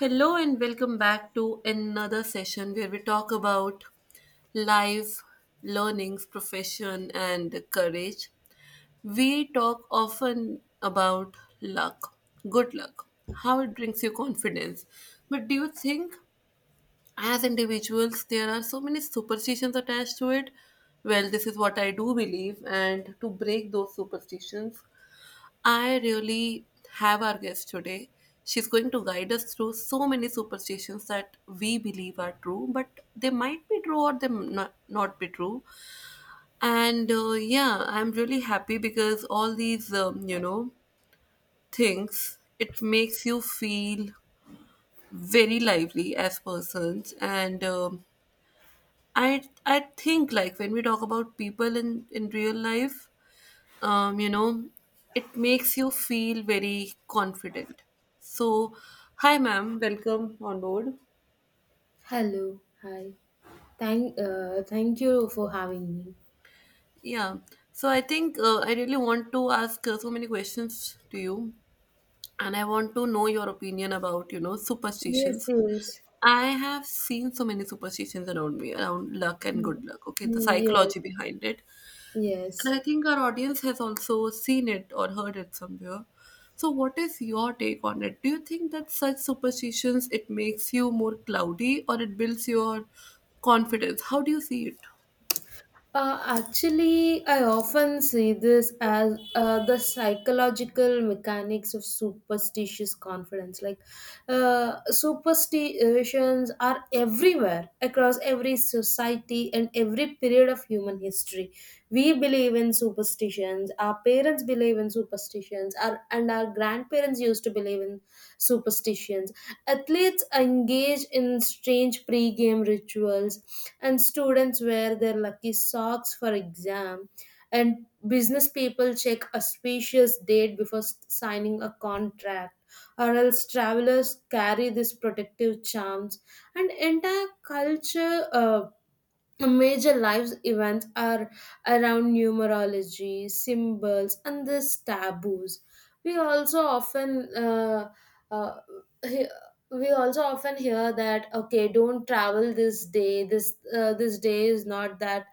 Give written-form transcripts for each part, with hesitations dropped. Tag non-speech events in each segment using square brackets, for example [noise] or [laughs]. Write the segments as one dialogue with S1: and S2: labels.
S1: Hello and welcome back to another session where we talk about life, learnings, profession, and courage. We talk often about luck, good luck, how it brings you confidence. But do you think, as individuals, there are so many superstitions attached to it? Well, this is what I do believe, and to break those superstitions, I really have our guest today. She's going to guide us through so many superstitions that we believe are true, but they might be true or not, not be true. And yeah, I'm really happy because all these, things, it makes you feel very lively as persons. And I think like when we talk about people in real life, um, you know, it makes you feel very confident. So, hi, ma'am, welcome on board.
S2: Hello, hi. Thank you for having me.
S1: Yeah, so I think I really want to ask so many questions to you, and I want to know your opinion about, you know,
S2: Yes,
S1: superstitions.
S2: yes,
S1: I have seen so many superstitions around me, around luck and good luck. Okay, the
S2: yes,
S1: psychology behind it. And
S2: yes.
S1: I think our audience has also seen it or heard it somewhere. So what is your take on it? Do you think that such superstitions it makes you more cloudy or it builds your confidence? How do you see it?
S2: Actually, I often see this as the psychological mechanics of superstitious confidence. Superstitions are everywhere across every society and every period of human history. We believe in superstitions. Our parents believe in superstitions, and our grandparents used to believe in superstitions. Athletes engage in strange pre-game rituals, and students wear their lucky socks for exam, and business people check auspicious date before signing a contract, or else travelers carry these protective charms, and entire culture, major lives events are around numerology, symbols, and these taboos. We also often uh, he- we also often hear that okay, don't travel this day. This day is not that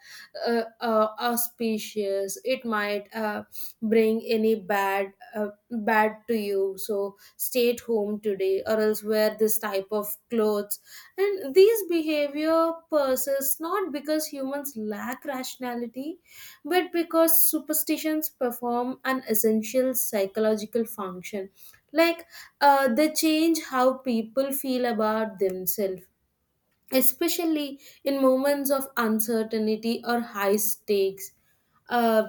S2: auspicious. It might bring any bad to you. So stay at home today, or else wear this type of clothes. And these behavior persists not because humans lack rationality, but because superstitions perform an essential psychological function. Like they change how people feel about themselves, especially in moments of uncertainty or high stakes. Uh,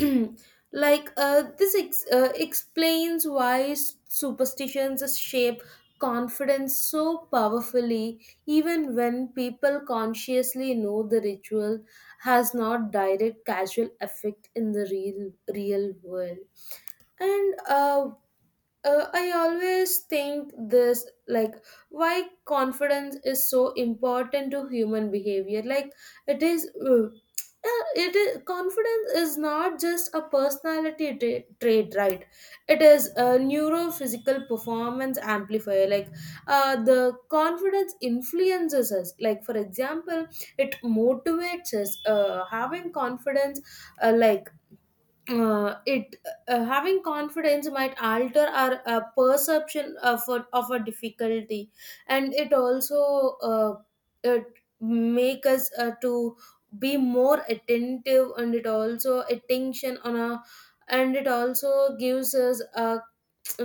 S2: [clears throat] like this explains why superstitions shape confidence so powerfully even when people consciously know the ritual has not direct causal effect in the real world. And I always think this, like, why confidence is so important to human behavior. Like it is uh, uh, it is confidence is not just a personality trait, right? It is a neurophysical performance amplifier. Like, the confidence influences us, like, for example, it motivates us. Having confidence like it having confidence might alter our perception of of a difficulty, and it also, it make us to be more attentive, and it also attention on a, and it also gives us a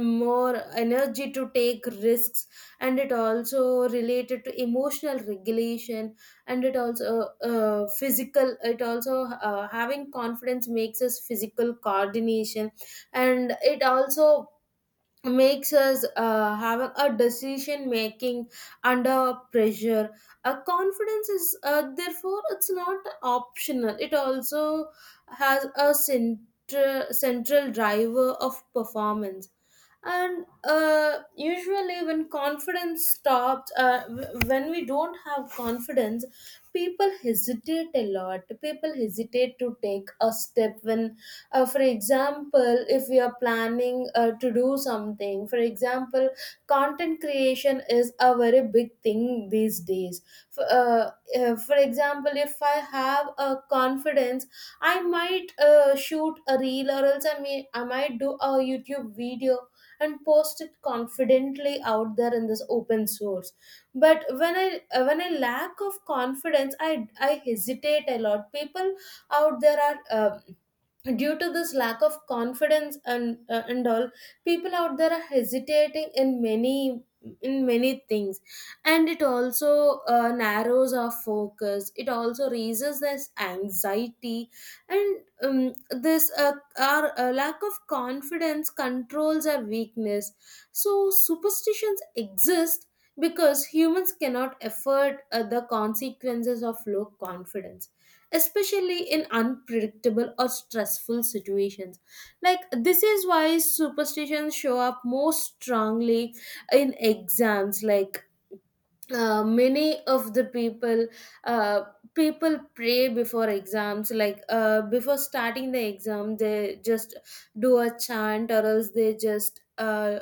S2: more energy to take risks, and it also related to emotional regulation, and it also having confidence makes us physical coordination, and it also makes us have a decision making under pressure. A confidence is, therefore, it's not optional, it also has a center, central driver of performance. And usually when confidence stops, when we don't have confidence, people hesitate a lot. People hesitate to take a step when, for example, if we are planning to do something. For example, content creation is a very big thing these days. For, uh, uh, for example, if I have a confidence, I might shoot a reel, or else I might do a YouTube video and post it confidently out there in this open source. But when I lack of confidence, I hesitate a lot. People out there are due to this lack of confidence, and and all people out there are hesitating in many things. And it also narrows our focus, it also raises this anxiety. And um, this uh, our uh, lack of confidence controls our weakness. So superstitions exist because humans cannot afford the consequences of low confidence, especially in unpredictable or stressful situations. Like, this is why superstitions show up most strongly in exams. Like uh, many of the people uh, people pray before exams. Like, before starting the exam, they just do a chant, or else they just uh,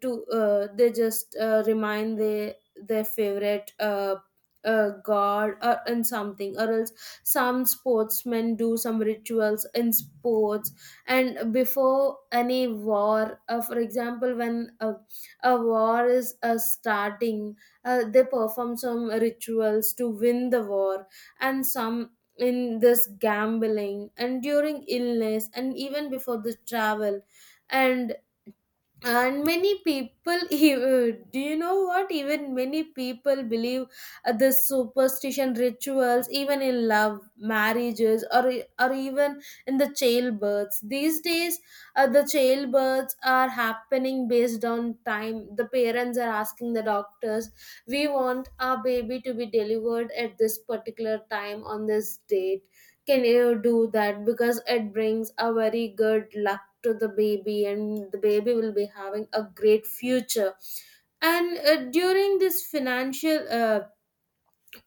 S2: to uh, they just uh, remind their favorite god or in something. Or else some sportsmen do some rituals in sports. And before any war, for example, when a war is starting, they perform some rituals to win the war. And some, in this gambling and during illness and even before the travel. and and many people [laughs] even- do you know what, even many people believe this superstition rituals even in love marriages, or even in the childbirths these days. The childbirths are happening based on time. The parents are asking the doctors, we want our baby to be delivered at this particular time on this date. Can you do that? Because it brings a very good luck to the baby and the baby will be having a great future. And during this financial,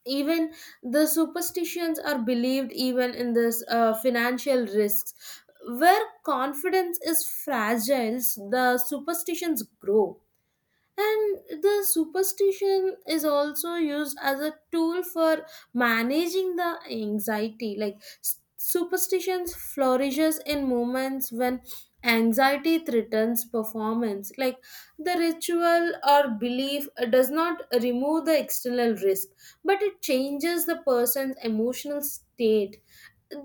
S2: even the superstitions are believed even in this financial risks. Where confidence is fragile, the superstitions grow. And the superstition is also used as a tool for managing the anxiety. Like, superstitions flourishes in moments when anxiety threatens performance. Like, the ritual or belief does not remove the external risk, but it changes the person's emotional state.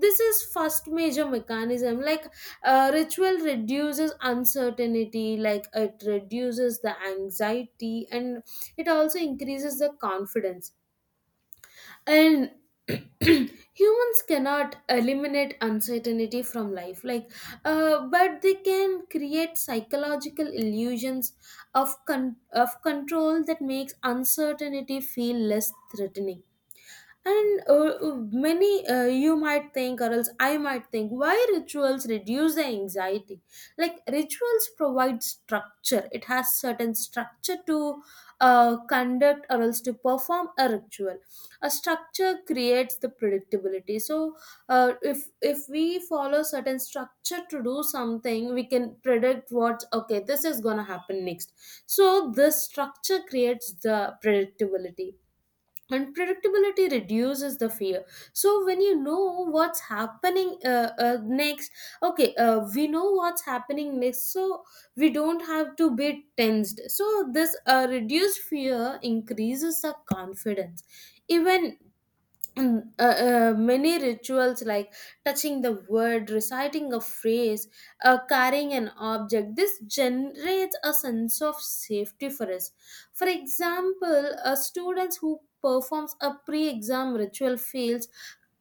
S2: This is first major mechanism. Like, ritual reduces uncertainty, like it reduces the anxiety and it also increases the confidence. And [clears throat] humans cannot eliminate uncertainty from life. Like, but they can create psychological illusions of of control that makes uncertainty feel less threatening. And uh, uh, many uh, you might think, or else I might think, why rituals reduce the anxiety. Like, rituals provide structure. It has certain structure to conduct or else to perform a ritual. A structure creates the predictability. So, if we follow certain structure to do something, we can predict what, okay, this is gonna happen next. So this structure creates the predictability. Unpredictability reduces the fear. So when you know what's happening, next, okay, we know what's happening next. So we don't have to be tensed. So this reduced fear increases the confidence. Even, many rituals, like touching the word, reciting a phrase, carrying an object, this generates a sense of safety for us. For example, a student who performs a pre-exam ritual feels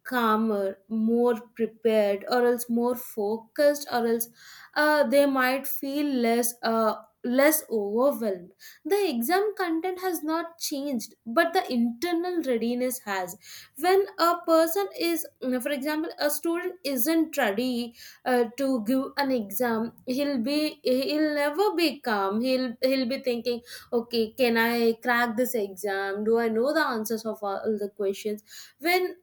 S2: calmer, more prepared, or else more focused, or else they might feel less overwhelmed. The exam content has not changed, but the internal readiness has. When a person is, for example, a student isn't ready to give an exam, he'll never be calm. He'll be thinking, okay, can I crack this exam? Do I know the answers of all the questions? When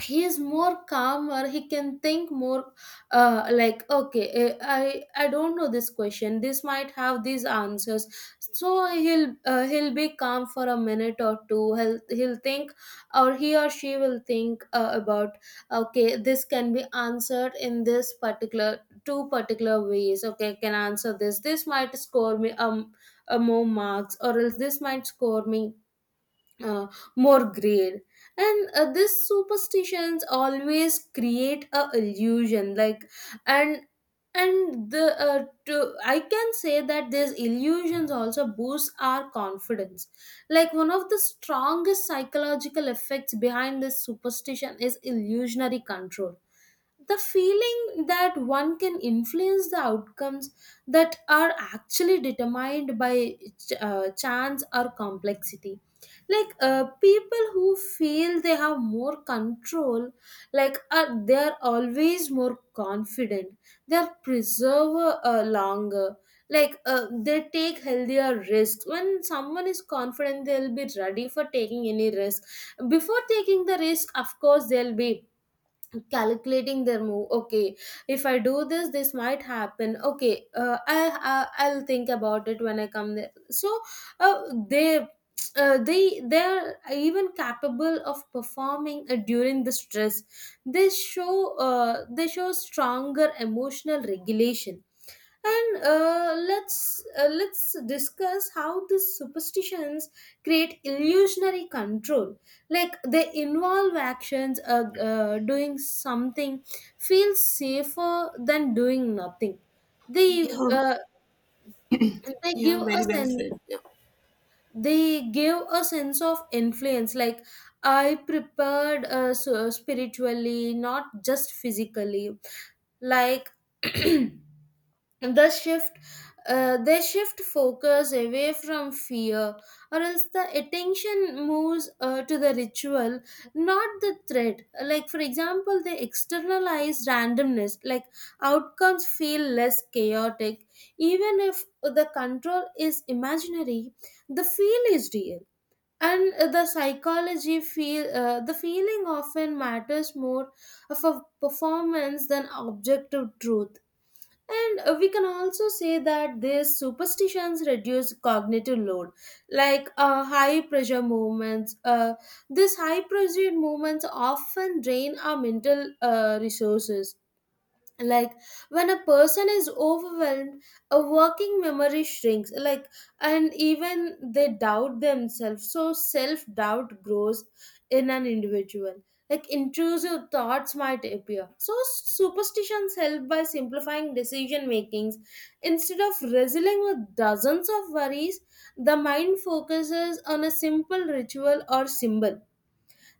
S2: he is more calmer, he can think more, like, okay, I don't know this question, this might have these answers. So he'll be calm for a minute or two. He'll think, or he or she will think about, okay, this can be answered in this particular two particular ways, okay, I can answer this, this might score me a more marks, or else this might score me uh, more grade. And these superstitions always create a illusion, like, and and I can say that these illusions also boost our confidence. Like, one of the strongest psychological effects behind this superstition is illusionary control, the feeling that one can influence the outcomes that are actually determined by chance or complexity. Like, people who feel they have more control, like, they are always more confident. They are preserve longer. Like, they take healthier risks. When someone is confident, they'll be ready for taking any risk. Before taking the risk, of course, they'll be calculating their move, okay, if I do this, this might happen, okay, I I'll think about it when I come there. So, uh, they they are even capable of performing during the stress. They show stronger emotional regulation. And let's discuss how these superstitions create illusionary control. Like, they involve actions, doing something feels safer than doing nothing. they
S1: Yeah,
S2: uh, they
S1: yeah,
S2: give
S1: very
S2: us
S1: well
S2: an
S1: said. Yeah.
S2: they give a sense of influence, like, I prepared so spiritually, not just physically. Like, [clears throat] the shift, they shift focus away from fear, or else the attention moves to the ritual, not the threat. Like, for example, they externalize randomness, like, outcomes feel less chaotic. Even if the control is imaginary, the feel is real. And the feeling often matters more of a performance than objective truth. And we can also say that these superstitions reduce cognitive load, like high pressure movements. These high pressure movements often drain our mental resources, like when a person is overwhelmed, a working memory shrinks, like, and even they doubt themselves, so self doubt grows in an individual, like intrusive thoughts might appear. So superstitions help by simplifying decision makings. Instead of wrestling with dozens of worries, the mind focuses on a simple ritual or symbol.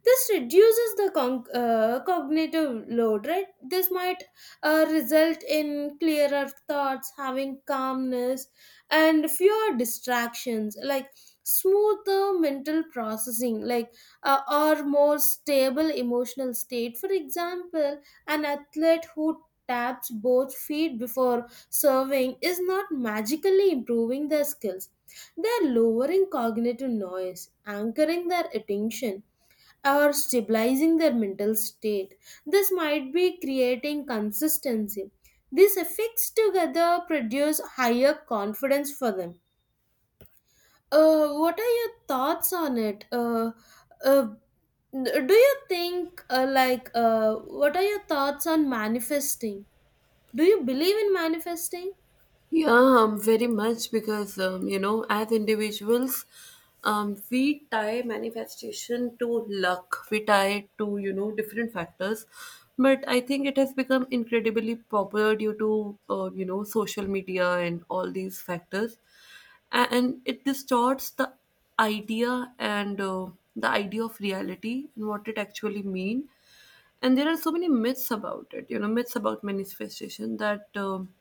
S2: This reduces the cognitive load, right? This might result in clearer thoughts, having calmness and fewer distractions, like smoother mental processing, like, or more stable emotional state. For example, an athlete who taps both feet before serving is not magically improving their skills. They're lowering cognitive noise, anchoring their attention, or stabilizing their mental state. This might be creating consistency. These effects together produce higher confidence for them. What are your thoughts on it? Uh, do you think, what are your thoughts on manifesting? Do you believe in manifesting?
S1: Yeah, very much because you know, as individuals, we tie manifestation to luck. We tie it to, you know, different factors, but I think it has become incredibly popular due to you know, social media and all these factors, and it distorts the idea and the idea of reality and what it actually mean. And there are so many myths about it, you know, myths about manifestation that,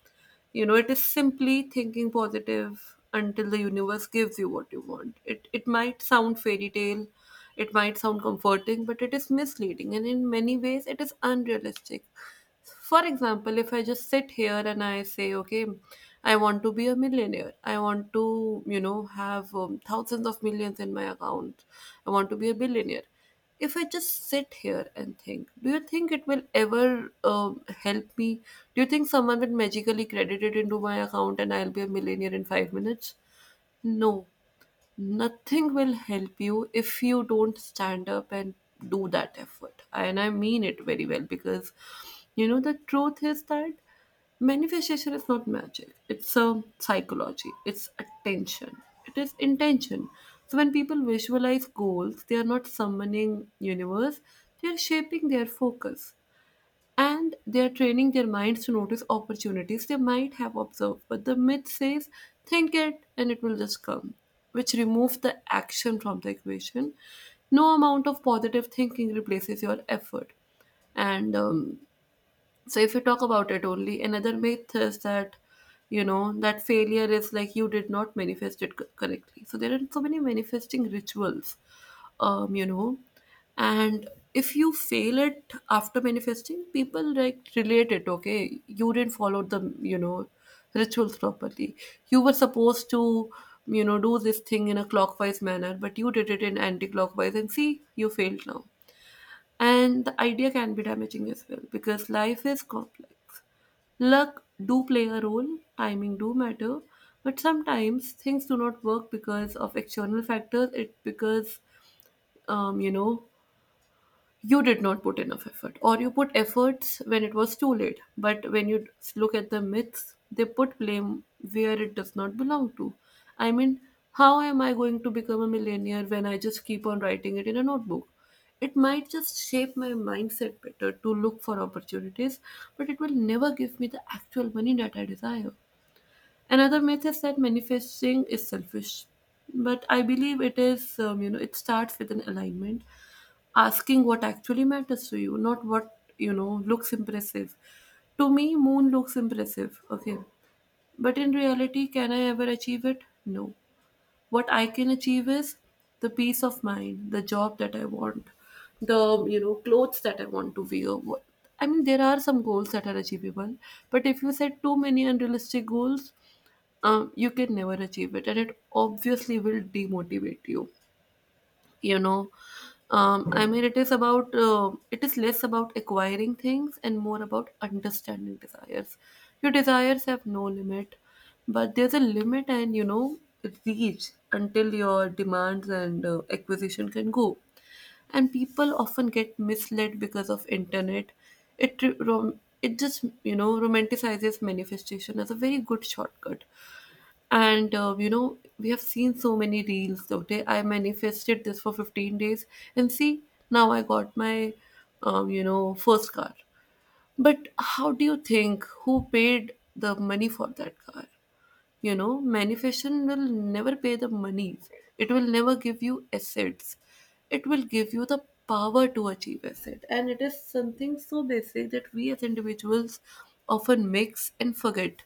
S1: you know, it is simply thinking positive until the universe gives you what you want. It might sound fairy tale, it might sound comforting, but it is misleading, and in many ways it is unrealistic. For example, if I just sit here and I say, okay, I want to be a millionaire, I want to, you know, have, thousands of millions in my account. I want to be a billionaire. If I just sit here and think, do you think it will ever help me? Do you think someone will magically credit it into my account and I'll be a millionaire in 5 minutes? No, nothing will help you if you don't stand up and do that effort. And I mean it very well because, you know, the truth is that manifestation is not magic, it's a psychology, it's attention, it is intention. So when people visualize goals, they are not summoning universe, they are shaping their focus and they are training their minds to notice opportunities they might have observed. But the myth says, think it and it will just come, which removes the action from the equation. No amount of positive thinking replaces your effort. And so if you talk about it only, another myth is that, you know, that failure is like you did not manifest it correctly. So there are so many manifesting rituals, you know, and if you fail it after manifesting, people like relate it. Okay, you didn't follow the, you know, rituals properly. You were supposed to, you know, do this thing in a clockwise manner, but you did it in anti-clockwise, and see, you failed now. And the idea can be damaging as well because life is complex. Luck do play a role, timing do matter, but sometimes things do not work because of external factors. It because, you know, you did not put enough effort or you put efforts when it was too late, but when you look at the myths, they put blame where it does not belong to. I mean, how am I going to become a millionaire when I just keep on writing it in a notebook? It might just shape my mindset better to look for opportunities, but it will never give me the actual money that I desire. Another myth is that manifesting is selfish, but I believe it is, you know, it starts with an alignment, asking what actually matters to you, not what, you know, looks impressive. To me, moon looks impressive, okay, but in reality, can I ever achieve it? No. What I can achieve is the peace of mind, the job that I want, the, you know, clothes that I want to wear. I mean, there are some goals that are achievable, but if you set too many unrealistic goals, you can never achieve it, and it obviously will demotivate you, you know. I mean, it is about, it is less about acquiring things and more about understanding desires. Your desires have no limit, but there's a limit and, you know, reach until your demands and, acquisition can go. And people often get misled because of internet. It it just, you know, romanticizes manifestation as a very good shortcut. And you know, we have seen so many reels. Okay, I manifested this for 15 days, and see, now I got my, you know, first car. But how do you think, who paid the money for that car? You know, manifestation will never pay the money. It will never give you assets, it will give you the power to achieve asset, and it is something so basic that we as individuals often mix and forget.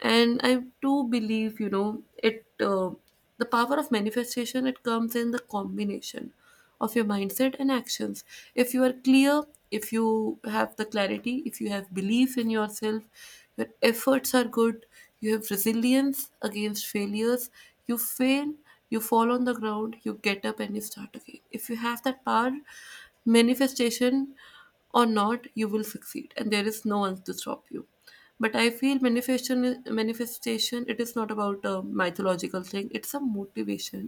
S1: And I do believe, you know, it the power of manifestation, it comes in the combination of your mindset and actions. If you are clear, if you have the clarity, if you have belief in yourself, your efforts are good, you have resilience against failures, you fail, you fall on the ground, you get up and you start again. If you have that power, manifestation or not, you will succeed, and there is no one to stop you. But I feel manifestation it is not about a mythological thing, it's a motivation.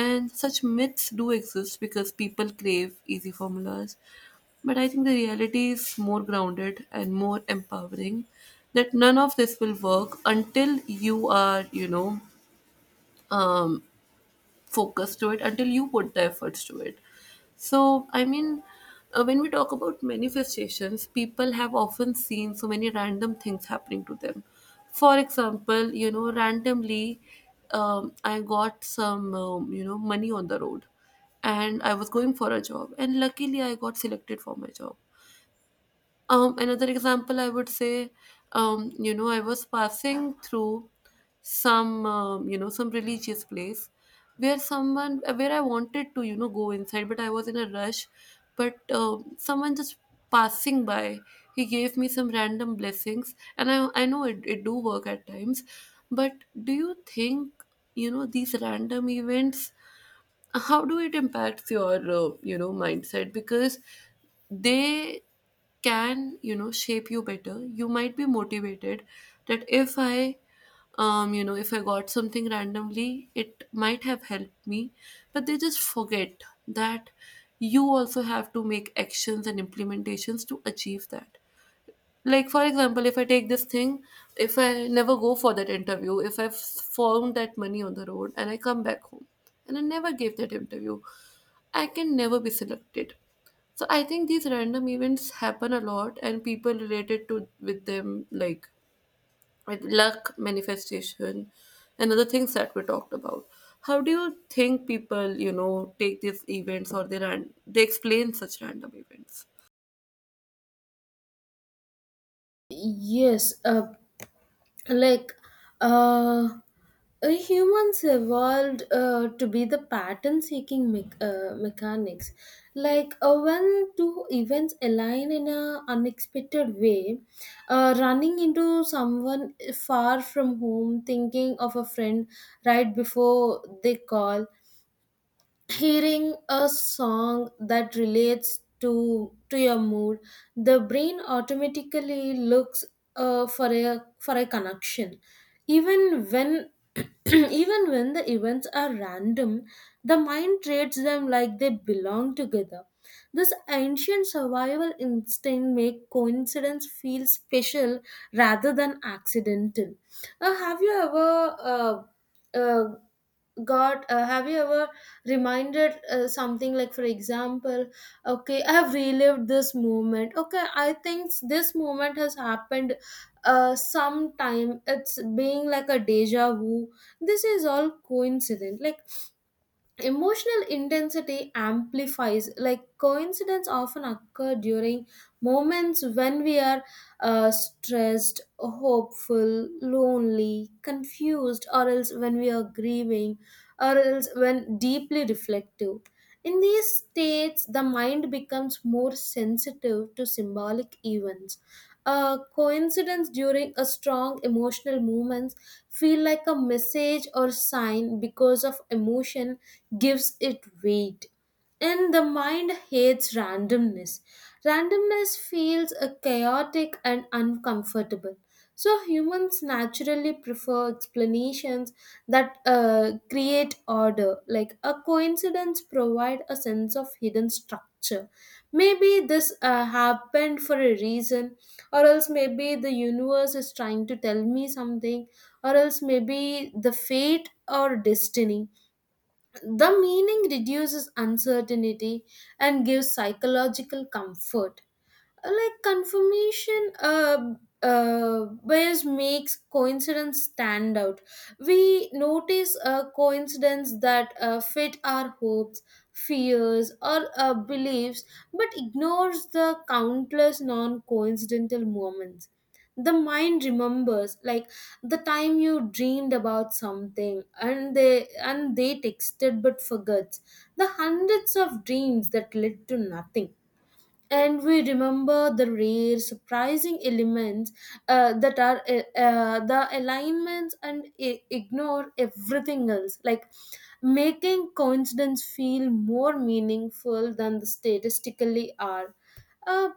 S1: And such myths do exist because people crave easy formulas, but I think the reality is more grounded and more empowering, that none of this will work until you are, you know, um, focus to it, until you put the efforts to it. So, I mean, when we talk about manifestations, people have often seen so many random things happening to them. For example, you know, randomly, I got some, money on the road, and I was going for a job, and luckily, I got selected for my job. Another example I would say, you know, I was passing through some, some religious place where someone, where I wanted to, you know, go inside, but I was in a rush. But someone just passing by, he gave me some random blessings, and I know it, it do work at times. But do you think, you know, these random events, how do it impacts your, you know, mindset? Because they can, you know, shape you better. You might be motivated that if I, you know, if I got something randomly, it might have helped me, but they just forget that you also have to make actions and implementations to achieve that. Like, for example, if I take this thing, if I never go for that interview, if I've found that money on the road and I come back home and I never gave that interview, I can never be selected. So I think these random events happen a lot and people related to with them, like with luck, manifestation, and other things that we talked about. How do you think people, you know, take these events or they explain such random events?
S2: Yes, like, uh, humans evolved to be the pattern seeking mechanics, like, when two events align in an unexpected way, running into someone far from home, thinking of a friend right before they call, hearing a song that relates to your mood, the brain automatically looks for a connection, even when [clears throat] even when the events are random. The mind treats them like they belong together. This ancient survival instinct make coincidence feel special rather than accidental. Have you ever uh, got have you ever reminded something? Like, for example, okay, I have relived this moment, okay, I think this moment has happened. Uh, sometime it's being like a deja vu. This is all coincidence. Like, emotional intensity amplifies, like coincidence often occur during moments when we are stressed, hopeful, lonely, confused, or else when we are grieving, or else when deeply reflective. In these states, the mind becomes more sensitive to symbolic events. A coincidence during a strong emotional moment feel like a message or sign, because of emotion gives it weight. And the mind hates randomness. Randomness feels a chaotic and uncomfortable, so humans naturally prefer explanations that create order. Like a coincidence provide a sense of hidden structure. Maybe this happened for a reason, or else maybe the universe is trying to tell me something, or else maybe the fate or destiny. The meaning reduces uncertainty and gives psychological comfort. Like confirmation bias makes coincidence stand out. We notice a coincidence that fit our hopes, fears, or beliefs, but ignores the countless non-coincidental moments. The mind remembers, like, the time you dreamed about something and they texted, but forgets the hundreds of dreams that led to nothing. And we remember the rare surprising elements, that are the alignments, and ignore everything else, like, making coincidence feel more meaningful than the statistically are. Uh,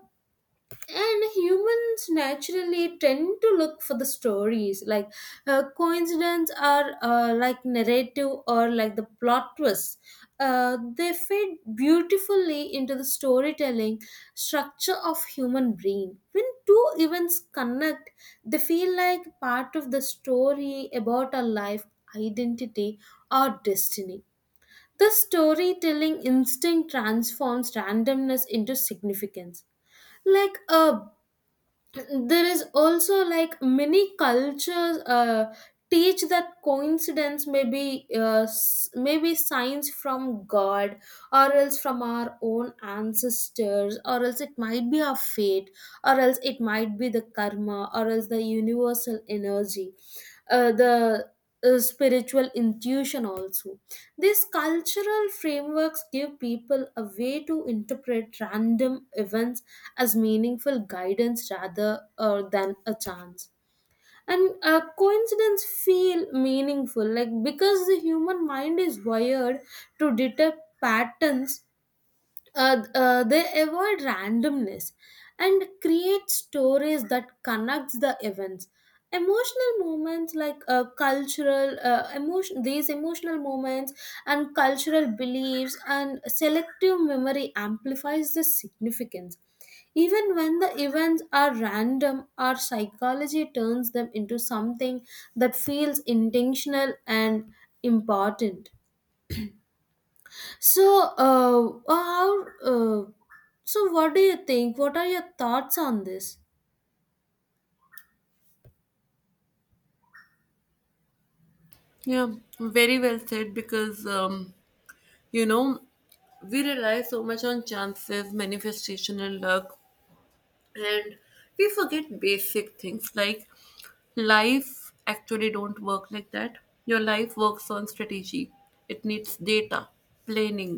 S2: and humans naturally tend to look for the stories, like, coincidence, or, like, narrative, or like the plot twists. They fit beautifully into the storytelling structure of human brain. When two events connect, they feel like part of the story about our life, identity, or destiny. The storytelling instinct transforms randomness into significance. Like a, there is also, like, many cultures teach that coincidence may be maybe signs from god, or else from our own ancestors, or else it might be our fate, or else it might be the karma, or else the universal energy, the spiritual intuition also. These cultural frameworks give people a way to interpret random events as meaningful guidance rather than a chance. And coincidence feel meaningful, like, because the human mind is wired to detect patterns, they avoid randomness and create stories that connects the events. Emotional moments, like, cultural emotion, these emotional moments and cultural beliefs and selective memory amplifies the significance. Even when the events are random, our psychology turns them into something that feels intentional and important. So, uh, how, uh, so what do you think? What are your thoughts on this?
S1: Yeah, very well said because, you know, we rely so much on chances, manifestation, and luck, and we forget basic things like life actually don't work like that. Your life works on strategy. It needs data, planning,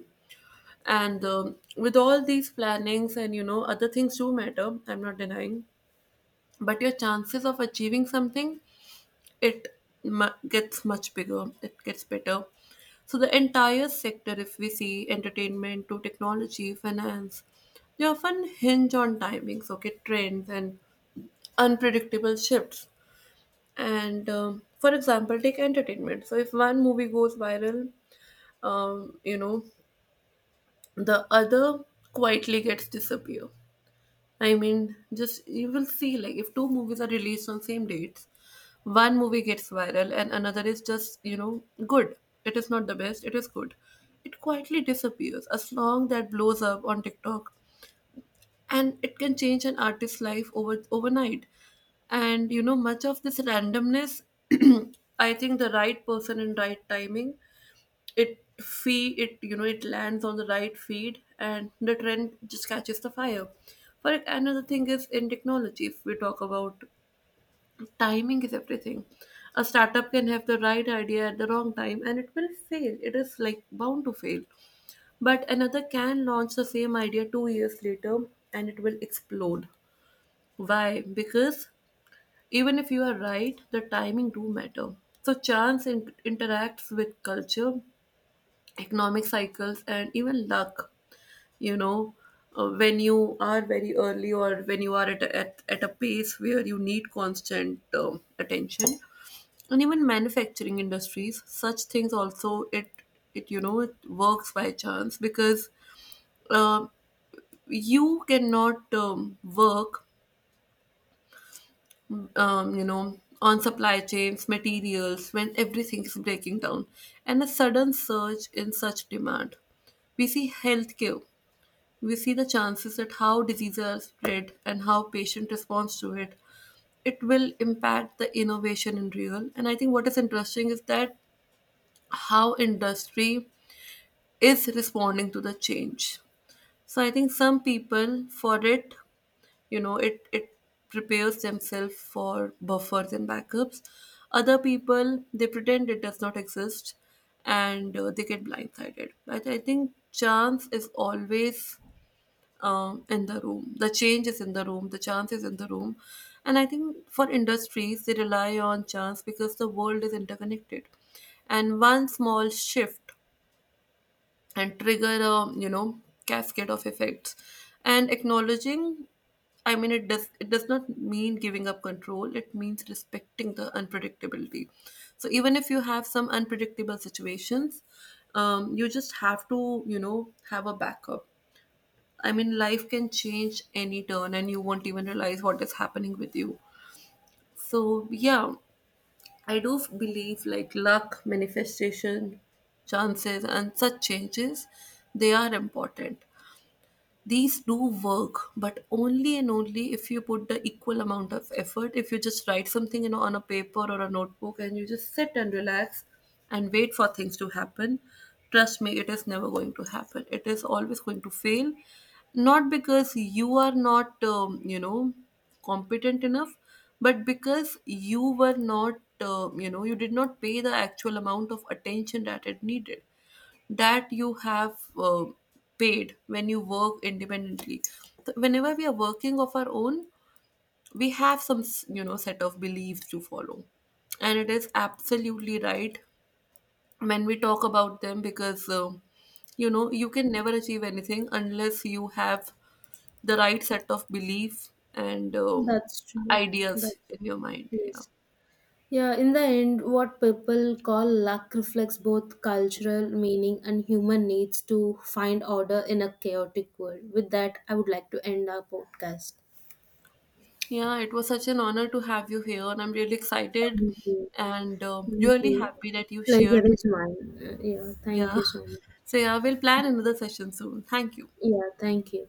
S1: and, with all these plannings and, you know, other things do matter. I'm not denying, but your chances of achieving something, it gets much bigger, it gets better. So the entire sector, if we see entertainment to technology finance, they often hinge on timings, okay, trends, and unpredictable shifts. And, for example, take entertainment. So if one movie goes viral, you know, the other quietly gets disappear. I mean, just you will see, like if two movies are released on same dates, one movie gets viral and another is just, you know, good. It is not the best, it is good. It quietly disappears. A song that blows up on TikTok, and it can change an artist's life overnight. And you know, much of this randomness, [clears throat] I think the right person and right timing it feed it you know it lands on the right feed and the trend just catches the fire for it. Another thing is, in technology, if we talk about timing, is everything. A startup can have the right idea at the wrong time and it will fail, it is like bound to fail, but another can launch the same idea 2 years later and it will explode. Why? Because even if you are right, the timing do matter. So chance interacts with culture, economic cycles, and even luck. you know when you are very early, or when you are at a, at a pace where you need constant attention. And even manufacturing industries, such things also, it you know it works by chance because um you cannot work on supply chains, materials, when everything is breaking down and a sudden surge in such demand. We see healthcare, we see the chances at how diseases are spread and how patient responds to it. It will impact the innovation in real. And I think what is interesting is that how industry is responding to the change. So I think some people, for it, you know it it prepares themselves for buffers and backups. Other people, they pretend it does not exist and they get blindsided. But I think chance is always, in the room. The change is in the room, the chance is in the room. And I think for industries, they rely on chance because the world is interconnected. And one small shift and trigger a, cascade of effects. And acknowledging, I mean, it does not mean giving up control. It means respecting the unpredictability. So even if you have some unpredictable situations, you just have to, have a backup. I mean, life can change any turn and you won't even realize what is happening with you. So, yeah, I do believe like luck, manifestation, chances, and such changes, they are important. These do work, but only and only if you put the equal amount of effort. If you just write something, on a paper or a notebook, and you just sit and relax and wait for things to happen, trust me, it is never going to happen. It is always going to fail. Not because you are not, competent enough, but because you were not, you did not pay the actual amount of attention that it needed, that you have paid when you work independently. Whenever we are working of our own, we have some set of beliefs to follow, and it is absolutely right when we talk about them because you can never achieve anything unless you have the right set of belief and
S2: That's true.
S1: ideas
S2: That's,
S1: in your mind. Yeah.
S2: yes. Yeah, in the end, what people call luck reflects both cultural meaning and human needs to find order in a chaotic world. With that, I would like to end our podcast.
S1: Yeah, it was such an honor to have you here, and I'm really excited
S2: Thank you.
S1: and
S2: Thank
S1: really
S2: you.
S1: happy that you
S2: Pleasure
S1: shared.
S2: is mine. Yeah, thank
S1: Yeah.
S2: you so much.
S1: So yeah, we'll plan another session soon. Thank you.
S2: Yeah, thank you.